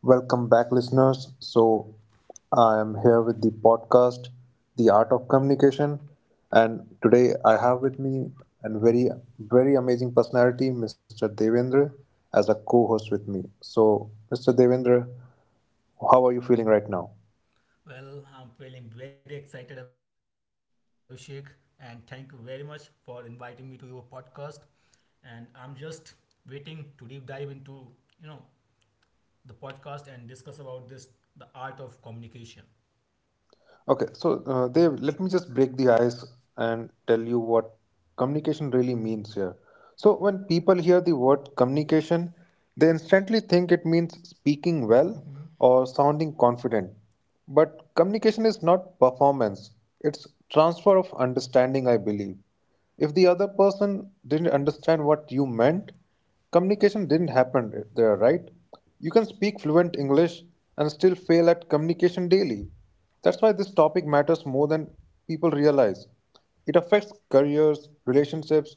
Welcome back, listeners. I am here with the podcast, The Art of Communication. And today I have with me a very amazing personality, Mr. Devendra, as a co host with me. So, Mr. Devendra, how are you feeling right now? Well, I'm feeling very excited, Abhishek, and thank you very much for inviting me to your podcast. And I'm just waiting to deep dive into you know the podcast and discuss about this the art of communication. Okay, so Dev, let me just break the ice and tell you what communication really means here. So, when people hear the word communication, they instantly think it means speaking well or sounding confident. But communication is not performance, it's transfer of understanding, I believe. If the other person didn't understand what you meant, communication didn't happen there, right? You can speak fluent English and still fail at communication daily. That's why this topic matters more than people realize. It affects careers, relationships,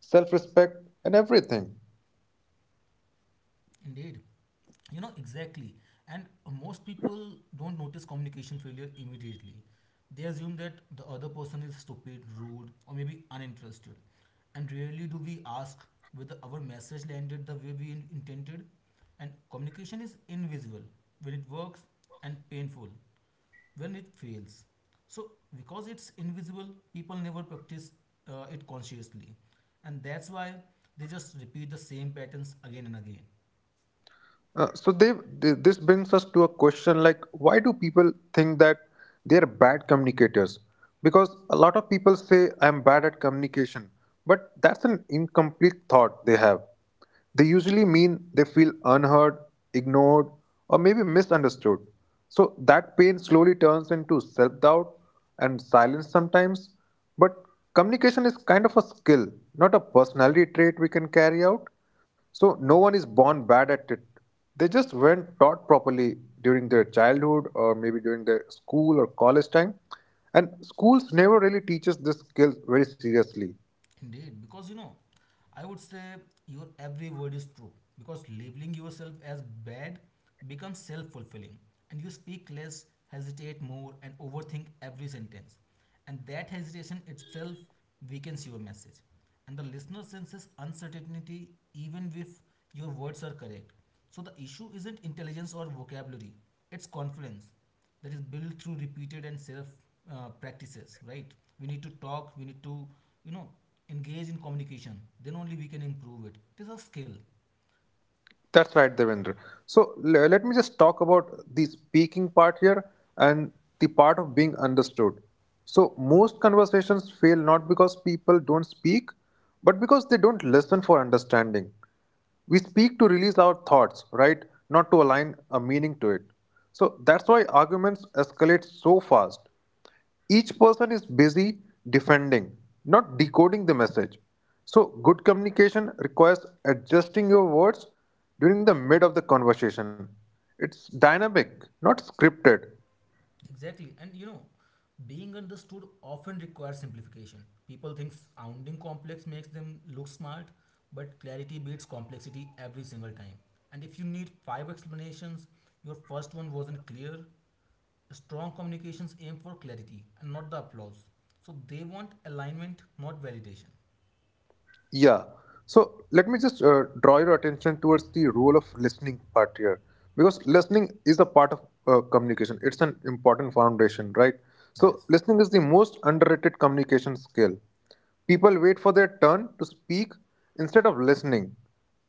self respect, and everything. Indeed. You know, exactly. And most people don't notice communication failure immediately. They assume that the other person is stupid, rude, or maybe uninterested. And rarely do we ask whether our message landed the way we intended. And communication is invisible when it works and painful when it fails. So, because it's invisible, people never practice it consciously. And that's why they just repeat the same patterns again and again. Uh, so they, this brings us to a question like, why do people think that they're bad communicators? Because a lot of people say I'm bad at communication, but that's an incomplete thought they have. They usually mean they feel unheard, ignored, or maybe misunderstood. So that pain slowly turns into self doubt and silence sometimes. But communication is kind of a skill, not a personality trait we can carry out. So no one is born bad at it. They just weren't taught properly during their childhood or maybe during their school or college time. And schools never really teaches this skill very seriously. Indeed, because you know, I would say your every word is true because labeling yourself as bad becomes self fulfilling, and you speak less, hesitate more, and overthink every sentence. And that hesitation itself weakens your message. And the listener senses uncertainty even if your words are correct. So the issue isn't intelligence or vocabulary, it's confluence that is built through repeated and self practices, right? We need to talk, we need to, you know, engage in communication, then only we can improve it. It is a skill. That's right, Devendra. So let me just talk about the speaking part here and the part of being understood. So most conversations fail not because people don't speak, but because they don't listen for understanding. We speak to release our thoughts, right? Not to align a meaning to it. So that's why arguments escalate so fast. Each person is busy defending, not decoding the message. So, good communication requires adjusting your words during the mid of the conversation. It's dynamic, not scripted. Exactly. And you know, being understood often requires simplification. People think sounding complex makes them look smart, but clarity beats complexity every single time. And if you need five explanations, your first one wasn't clear. Strong communications aim for clarity and not the applause. So they want alignment, not validation. Yeah. So let me just draw your attention towards the role of listening part here, because listening is a part of communication. It's an important foundation, right? So Yes. listening is the most underrated communication skill. People wait for their turn to speak instead of listening.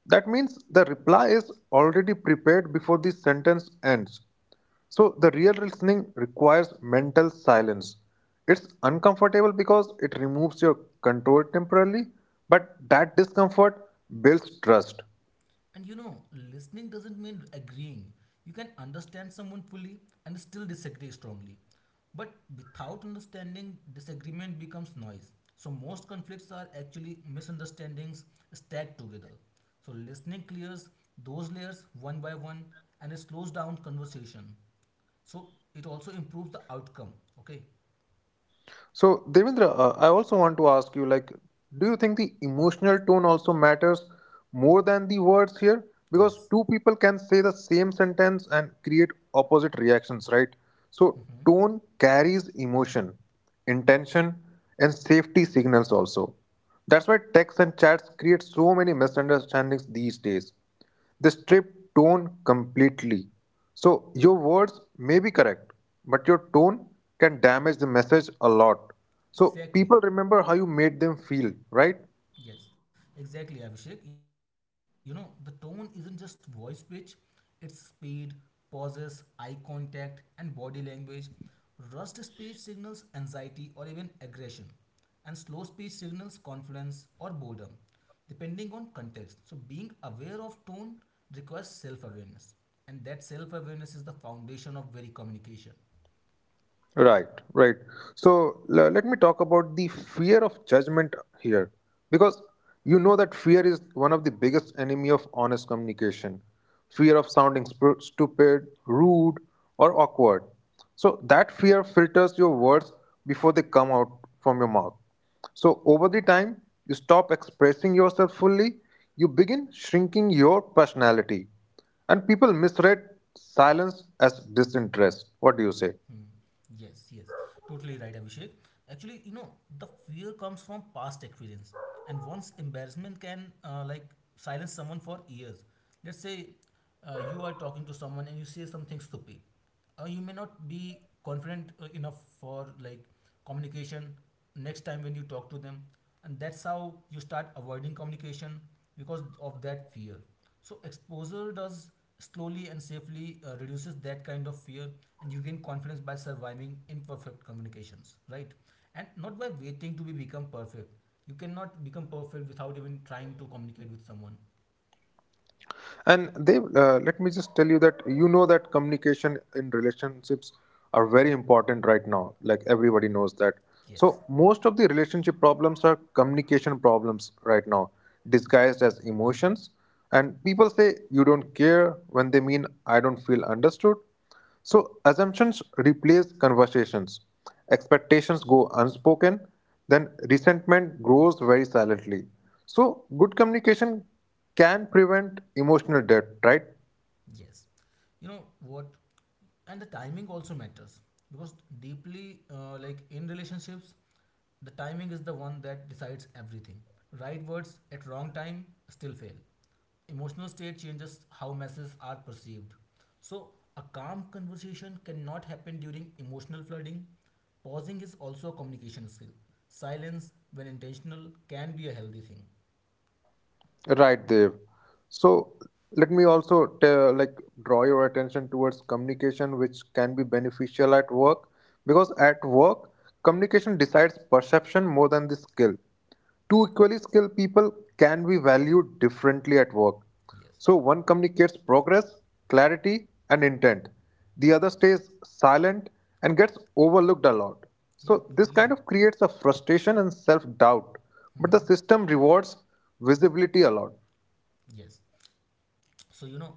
That means the reply is already prepared before the sentence ends. So, the real listening requires mental silence. It's uncomfortable because it removes your control temporarily, but that discomfort builds trust. And you know, listening doesn't mean agreeing. You can understand someone fully and still disagree strongly. But without understanding, disagreement becomes noise. So most conflicts are actually misunderstandings stacked together. So listening clears those layers one by one, and it slows down conversation. So it also improves the outcome. Okay. So, Devendra, I also want to ask you, like, do you think the emotional tone also matters more than the words here? Because two Yes. people can say the same sentence and create opposite reactions, right? So, tone Mhm. carries emotion, intention, and safety signals also. That's why texts and chats create so many misunderstandings these days. They strip tone completely. So your words may be correct, but your tone can damage the message a lot. So people remember how you Exactly. made them feel, right? Yes, exactly, Abhishek. You know, the tone isn't just voice pitch, it's speed, pauses, eye contact, and body language. Rushed speech signals anxiety or even aggression, and slow speech signals confidence or boredom, depending on context. So, being aware of tone requires self awareness, and that self awareness is the foundation of very communication. Right, right. So let me talk about the fear of judgment here, because you know that fear is one of the biggest enemy of honest communication. Fear of sounding stupid, rude, or awkward. So that fear filters your words before they come out from your mouth. So over the time, you stop expressing yourself fully, you begin shrinking your personality, and people misread silence as disinterest. What do you say? Hmm. Yes, yes, totally right, Abhishek. Actually, you know, the fear comes from past experience, and once embarrassment can like silence someone for years. Let's say you are talking to someone and you say something stupid. You may not be confident enough for like communication next time when you talk to them, and that's how you start avoiding communication because of that fear. So exposure does slowly and safely reduces that kind of fear, and you gain confidence by surviving imperfect communications, right? And not by waiting to be become perfect. You cannot become perfect without even trying to communicate with someone. And they Let me just tell you that you know that communication in relationships are very important right now, like everybody knows that. So Yes. most of the relationship problems are communication problems right now, disguised as emotions. And people say you don't care when they mean I don't feel understood. So assumptions replace conversations. Expectations go unspoken, then resentment grows very silently. So good communication can prevent emotional debt, right? Yes, you know what, and the timing also matters because deeply like in relationships, the timing is the one that decides everything. Right words at wrong time still fail. Emotional state changes how messages are perceived. So a calm conversation cannot happen during emotional flooding. Pausing is also a communication skill. Silence, when intentional, can be a healthy thing. Right, Dev. So let me also tell, like, draw your attention towards communication which can be beneficial at work, because at work, communication decides perception more than the skill. Two equally skilled people can be valued differently at work. Yes. So one communicates progress, clarity and intent. The other stays silent and gets overlooked a lot. So Yep, this kind really. of creates a frustration and self doubt. But Hmm. the system rewards visibility a lot. Yes. So, you know,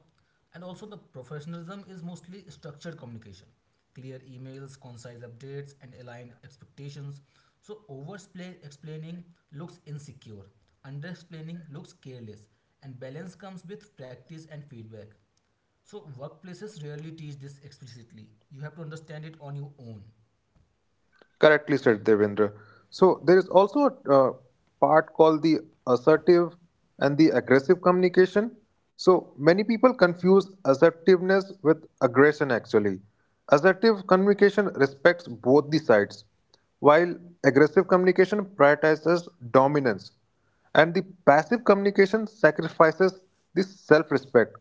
and also the professionalism is mostly structured communication, clear emails, concise updates, and aligned expectations. So, over explaining looks insecure, under explaining looks careless, and balance comes with practice and feedback. So, workplaces rarely teach this explicitly. You have to understand it on your own. Correctly said, Devendra. So there is also a part called the assertive and the aggressive communication. So many people confuse assertiveness with aggression actually. Assertive communication respects both the sides, while aggressive communication prioritizes dominance, and the passive communication sacrifices the self respect.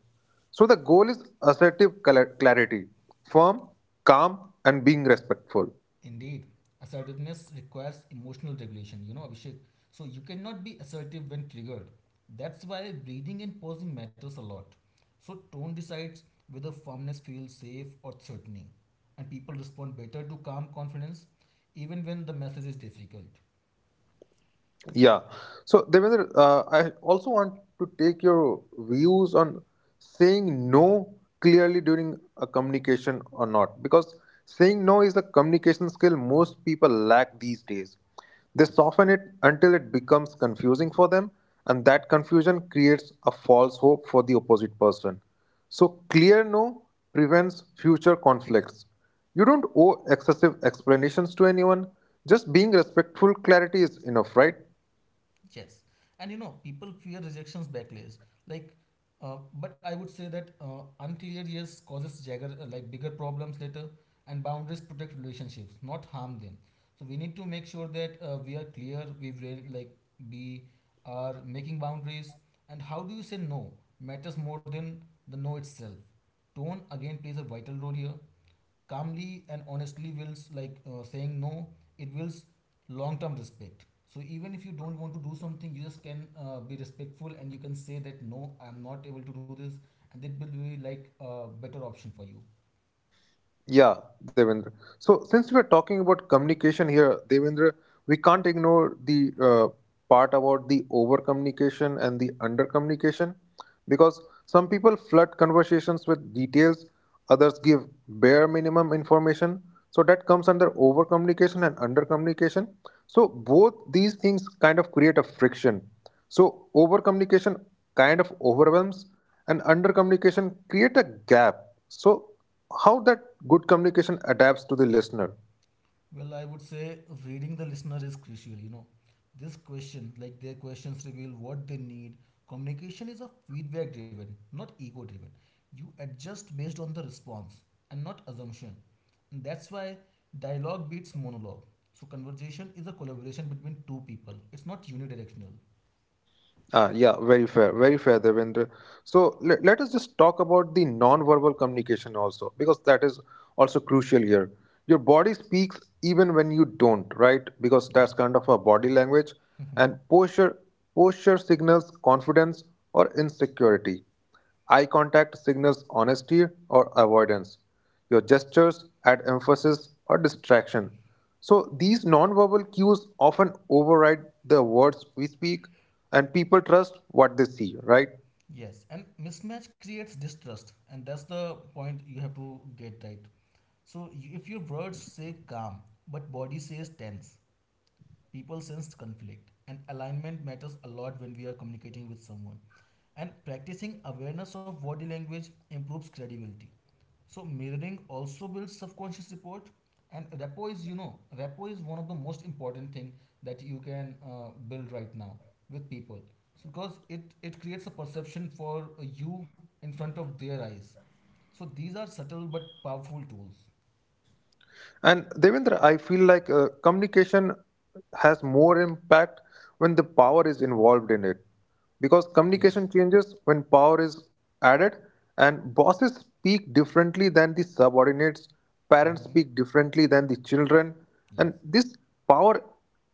So the goal is assertive clarity, firm, calm, and being respectful. Indeed, assertiveness requires emotional regulation, you know, Abhishek. So you cannot be assertive when triggered. That's why breathing and pausing matters a lot. So tone decides whether firmness feels safe or threatening, and people respond better to calm confidence even when the message is difficult. Yeah. So, Devendra, I also want to take your views on saying no clearly during a communication or not, because saying no is a communication skill most people lack these days. They soften it until it becomes confusing for them, and that confusion creates a false hope for the opposite person. So, clear no prevents future conflicts. You don't owe excessive explanations to anyone. Just being respectful clarity is enough, right? Yes, and you know, people fear rejections backlash. Like, but I would say that unclear yes causes jagger like bigger problems later. And boundaries protect relationships, not harm them. So we need to make sure that we are clear, like we are making boundaries. And how do you say no matters more than the no itself. Tone again plays a vital role here. Calmly and honestly wills like saying no, it wills long term respect. So even if you don't want to do something, you just can be respectful, and you can say that no, I'm not able to do this, and it will be like a better option for you. Yeah, Devendra. So, since we are talking about communication here, Devendra, we can't ignore the part about the over communication and the under communication, because some people flood conversations with details, others give bare minimum information. So, that comes under over communication and under communication. So, both these things kind of create a friction. So, over communication kind of overwhelms, and under communication create a gap. So how that good communication adapts to the listener. Well, I would say reading the listener is crucial, you know. This question, like their questions reveal what they need. Communication is a feedback driven, not ego driven. You adjust based on the response and not assumption. And that's why dialogue beats monologue. So conversation is a collaboration between two people. It's not unidirectional. Ah, yeah, very fair, Devendra. So let us just talk about the non-verbal communication also, because that is also crucial here. Your body speaks even when you don't, right? Because that's Yeah. kind of a body language, and posture signals confidence or insecurity. Eye contact signals honesty or avoidance. Your gestures add emphasis or distraction. So, these nonverbal cues often override the words we speak, and people trust what they see, right? Yes, and mismatch creates distrust, and that's the point you have to get right. So, you, if your words say calm but body says tense, people sense conflict, and alignment matters a lot when we are communicating with someone. And practicing awareness of body language improves credibility. So mirroring also builds subconscious rapport, and rapport is rapport is one of the most important thing that you can build right now with people. So because it creates a perception for you in front of their eyes. So these are subtle but powerful tools. And Devendra, I feel like communication has more impact when the power is involved in it. Because Yes. communication changes when power is added, and bosses speak differently than the subordinates, parents Mm-hmm. speak differently than the children, Yes. and this power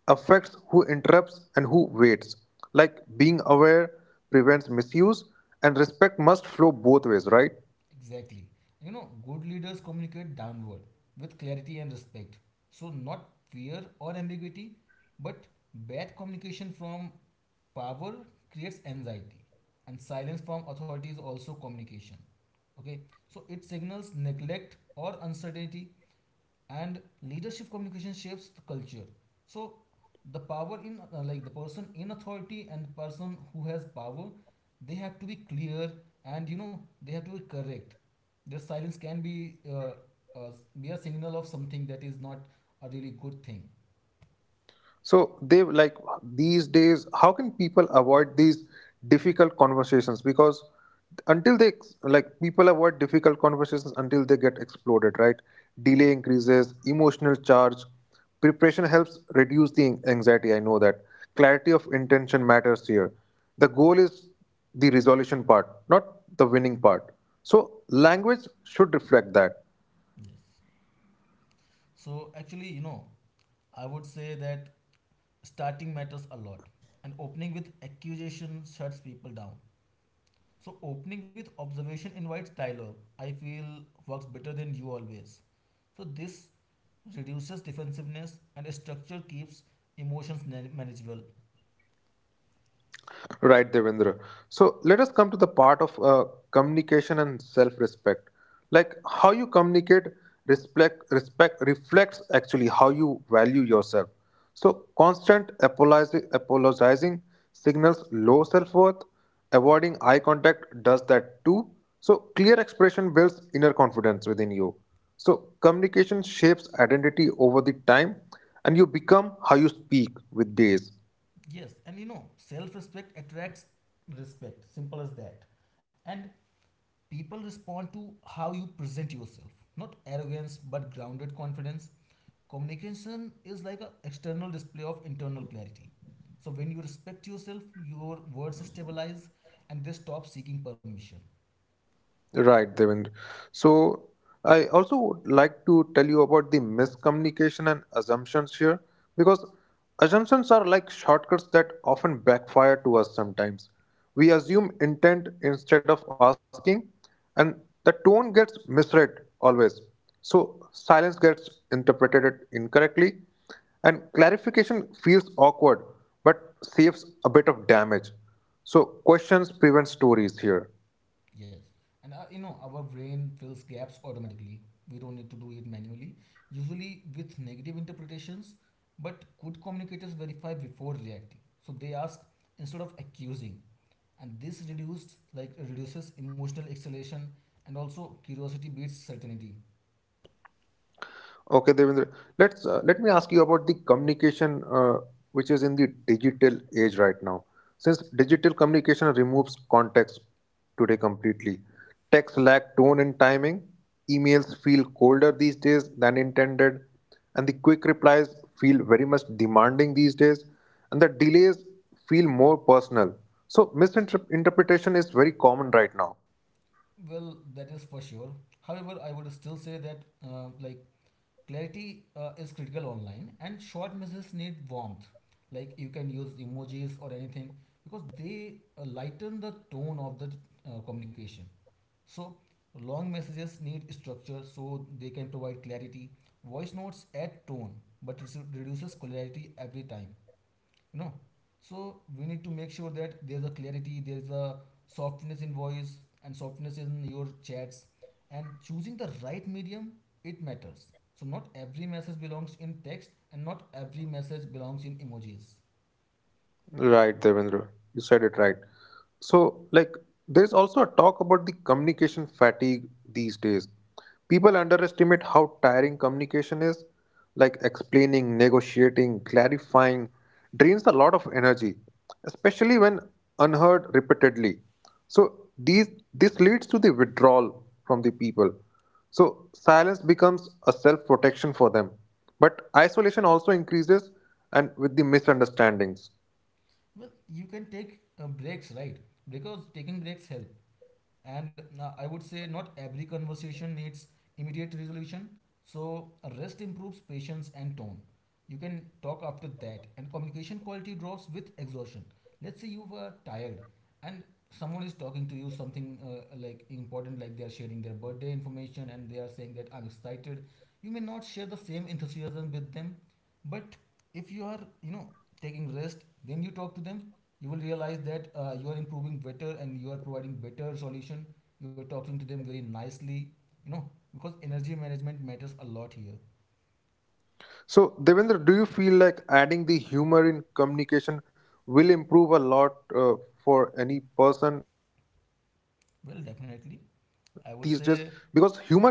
affects who interrupts and who waits. Like being aware prevents misuse, and respect must flow both ways, right? Exactly. You know, good leaders communicate downward with clarity and respect. So, not fear or ambiguity, but bad communication from power creates anxiety, and silence from authority is also communication. Okay, so it signals neglect or uncertainty, and leadership communication shapes the culture. So the power in like the person in authority and the person who has power, they have to be clear, and you know they have to be correct. Their silence can uh, be a signal of something that is not a really good thing. So they like, these days, how can people avoid these difficult conversations? Because until they ex- like people avoid difficult conversations until they get exploded, right? Yeah. Delay increases, emotional charge, preparation helps reduce the anxiety. I know that clarity of intention matters here. The goal is the resolution part, not the winning part. So language should reflect that. Yes. So actually, you know, I would say that starting matters a lot, and opening with accusation shuts people down. So opening with observation invites dialogue. I feel works better than you always. So this reduces defensiveness, and structure keeps emotions manageable. Right, Devendra. So let us come to the part of communication and self-respect. Like how you communicate, respect reflects actually how you value yourself. So constant apologizing signals low self-worth. Avoiding eye contact does that too. So clear expression builds inner confidence within you. So communication shapes identity over the time, and you become how you speak with days. Yes, and you know, self-respect attracts respect. Simple as that. And people respond to how you present yourself. Not arrogance, but grounded confidence. Communication is like an external display of internal clarity. So when you respect yourself, your words stabilize and they stop seeking permission. Right, Devendra. So I also would like to tell you about the miscommunication and assumptions here, because assumptions are like shortcuts that often backfire to us sometimes. We assume intent instead of asking, and the tone gets misread always. So silence gets interpreted incorrectly, and clarification feels awkward but saves a bit of damage. So questions prevent stories here. Yes. And our brain fills gaps automatically. We don't need to do it manually, usually with negative interpretations. But good communicators verify before reacting. So they ask instead of accusing. And this reduced like reduces emotional exhalation, and also curiosity beats certainty. Okay, Devendra. Let me ask you about the communication which is in the digital age right now. Since digital communication removes context today completely, text lack tone and timing. Emails feel colder these days than intended, and the quick replies feel very much demanding these days, and the delays feel more personal. So misinterpretation is very common right now. Well, that is for sure. However, I would still say that like clarity is critical online, and short messages need warmth. Like you can use emojis or anything because they lighten the tone of the communication. So long messages need structure so they can provide clarity. Voice notes add tone, but it reduces clarity every time. No, so we need to make sure that there's a clarity, there's a softness in voice and softness in your chats, and choosing the right medium, it matters. So not every message belongs in text and not every message belongs in emojis. Right, Devendra. You said it right. So, like, there's also a talk about the communication fatigue these days. People underestimate how tiring communication is, like explaining, negotiating, clarifying drains a lot of energy, especially when unheard repeatedly. So, these this leads to the withdrawal from the people. So, silence becomes a self-protection for them. But isolation also increases and with the misunderstandings. Well, you can take breaks, right? Because taking breaks help, and I would say not every conversation needs immediate resolution. So rest improves patience and tone. You can talk after that, and communication quality drops with exhaustion. Let's say you were tired, and someone is talking to you something like important, like they are sharing their birthday information and they are saying that I'm excited. You may not share the same enthusiasm with them, but if you are, you know, taking rest, then you talk to them, you will realize that you are improving better and you are providing better solution. You are talking to them very nicely, you know, because energy management matters a lot here. So, Devendra, do you feel like adding the humor in communication will improve a lot for any person these days? Because Well, humor definitely, can connect or I would offend say. instantly,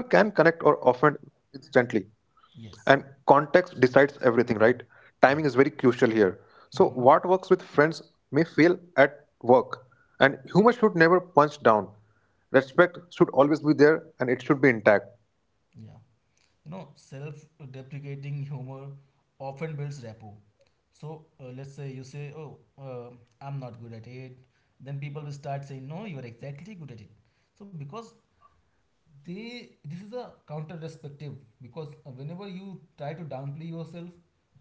and context decides everything, Yes. right? Timing is very crucial here. Yeah. So, what works with friends Hmm. may fail at work, and humor should never punch down. Respect should always be there, and it should be intact. Yeah. You know, self-deprecating humor often builds rapport. So let's say you say, "Oh, I'm not good at it," then people will start saying, "No, you are exactly good at it." So because they this is a counter perspective, because whenever you try to downplay yourself,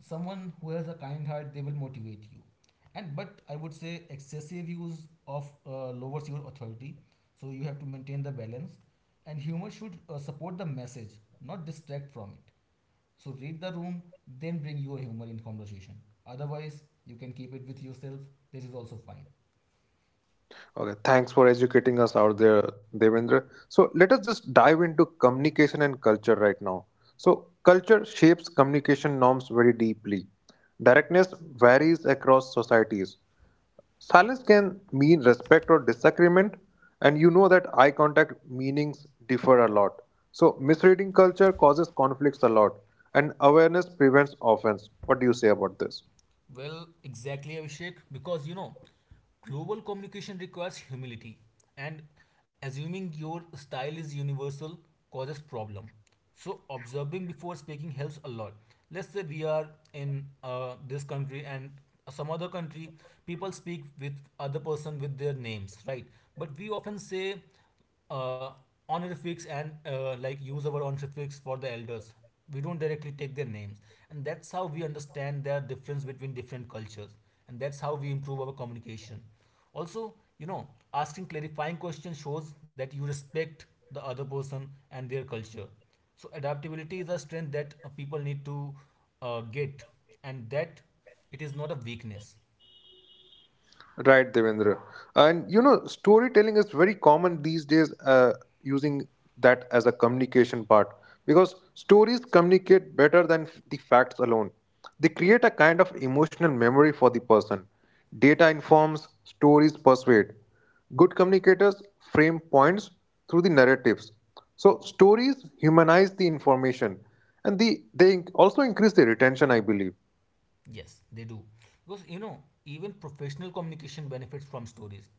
someone who has a kind heart, they will motivate you. And but I would say excessive use of lowers your authority. So you have to maintain the balance, and humor should support the message, not distract from it. So read the room, then bring your humor in conversation. Otherwise you can keep it with yourself, this is also fine. Okay, thanks for educating us out there, Devendra. So let us just dive into communication and culture right now. So culture shapes communication norms very deeply. Directness varies across societies. Silence can mean respect or disagreement, and you know that eye contact meanings differ a lot. So misreading culture causes conflicts a lot, and awareness prevents offense. What do you say about this? Well, exactly, Abhishek, because you know, global communication requires humility, and assuming your style is universal causes problem. So observing before speaking helps a lot. Let's say we are in this country and some other country, people speak with other person with their names, right? But we often say uh, honorifics and like use our honorifics for the elders. We don't directly take their names, and that's how we understand their difference between different cultures, and that's how we improve our communication. Also, you know, asking clarifying questions shows that you respect the other person and their culture. So adaptability is a strength that people need to get, and that it is not a weakness. Right, Devendra. And you know, storytelling is very common these days, using that as a communication part, because stories communicate better than the facts alone. They create a kind of emotional memory for the person. Data informs, stories persuade. Good communicators frame points through the narratives. So, stories humanize the information and they also increase the retention, I believe. Yes, they do. Because you know, even professional communication benefits from stories.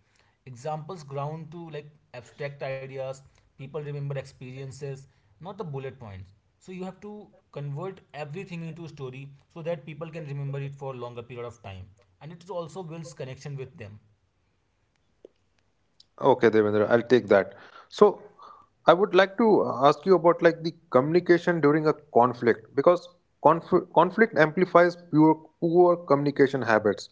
Examples ground to like abstract ideas, people remember experiences, not the bullet points. So you have to convert everything into a story so that people can remember it for longer period of time. And it also builds connection with them. Okay, Devendra, I'll take that. So, I would like to ask you about like the communication during a conflict, because conflict amplifies pure poor communication habits.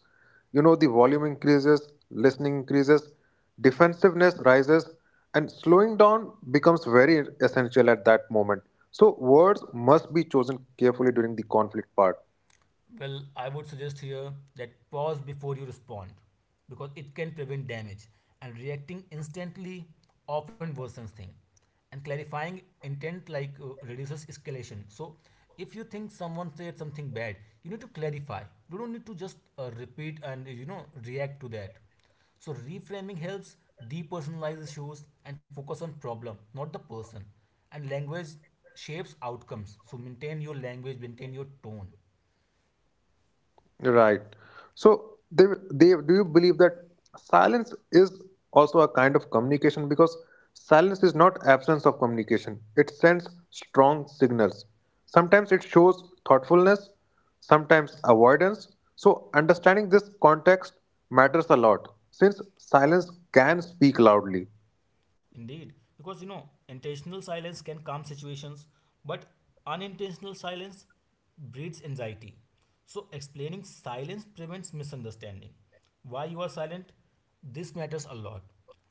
You know, the volume increases, listening increases, defensiveness rises, and slowing down becomes very essential at that moment. So, words must be chosen carefully during the conflict part. Well, I would suggest here that pause before you respond because it can prevent damage, and reacting instantly often worsens things, and clarifying intent like reduces escalation. So if you think someone said something bad, you need to clarify. You don't need to just repeat and react to that. So reframing helps depersonalize issues and focus on problem, not the person. And language shapes outcomes, so maintain your language, maintain your tone. Right. So, do you believe that silence is also a kind of communication? Because silence is not absence of communication. It sends strong signals. Sometimes it shows thoughtfulness, sometimes avoidance. So, understanding this context matters a lot since silence can speak loudly. Indeed, because you know, intentional silence can calm situations, but unintentional silence breeds anxiety. So, explaining silence prevents misunderstanding. Why you are silent? This matters a lot.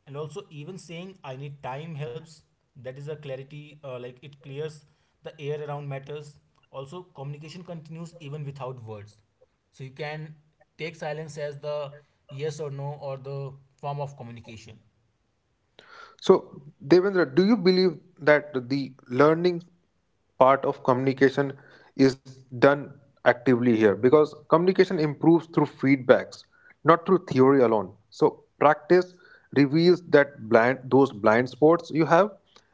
And also, even saying I need time helps. That is a clarity, like it clears the air around matters. Also, communication continues even without words. So, you can take silence as the yes or no or the form of communication. So, Devendra, do you believe that the learning part of communication is done actively here? Because communication improves through feedbacks, not through theory alone. So, practice reveals that blind those blind spots you have,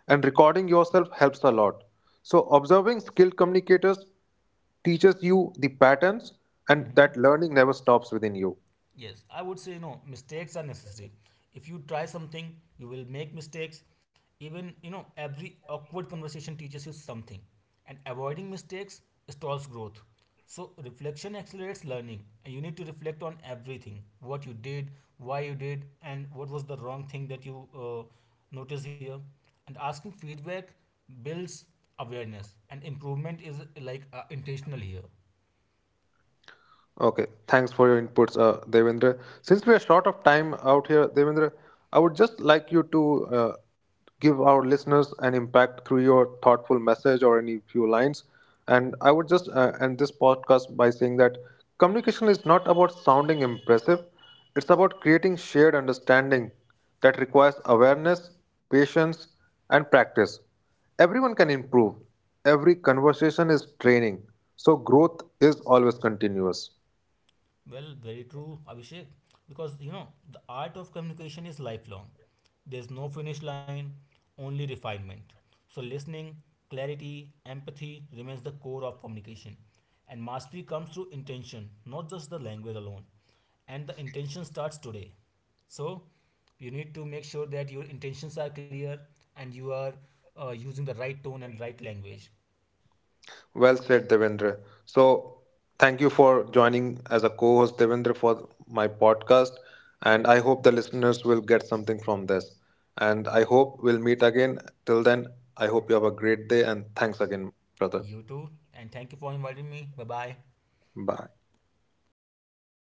and recording yourself helps a lot. So, observing skilled communicators teaches you the patterns, and Hmm. that learning never stops within you. Yes, I would say mistakes are necessary. If you try something, you will make mistakes. Even every awkward conversation teaches you something, and avoiding mistakes stalls growth. So reflection accelerates learning, and you need to reflect on everything: what you did, why you did, and what was the wrong thing that you noticed here. And asking feedback builds awareness, and improvement is like intentional here. Okay, thanks for your inputs, Devendra. Since we are short of time out here, Devendra, I would just like you to give our listeners an impact through your thoughtful message or any few lines. And I would just end this podcast by saying that communication is not about sounding impressive, it's about creating shared understanding that requires awareness, patience, and practice. Everyone can improve, every conversation is training, so growth is always continuous. Well, very true, Abhishek, because you know, the art of communication is lifelong. There's no finish line, only refinement. So, listening, clarity, empathy remains the core of communication. And mastery comes through intention, not just the language alone. And the intention starts today. So, you need to make sure that your intentions are clear and you are using the right tone and right language. Well said, Devendra. So, thank you for joining as a co host, Devendra, for my podcast. And I hope the listeners will get something from this. And I hope we'll meet again. Till then, I hope you have a great day. And thanks again, brother. You too, and thank you for inviting me. Bye bye. Bye.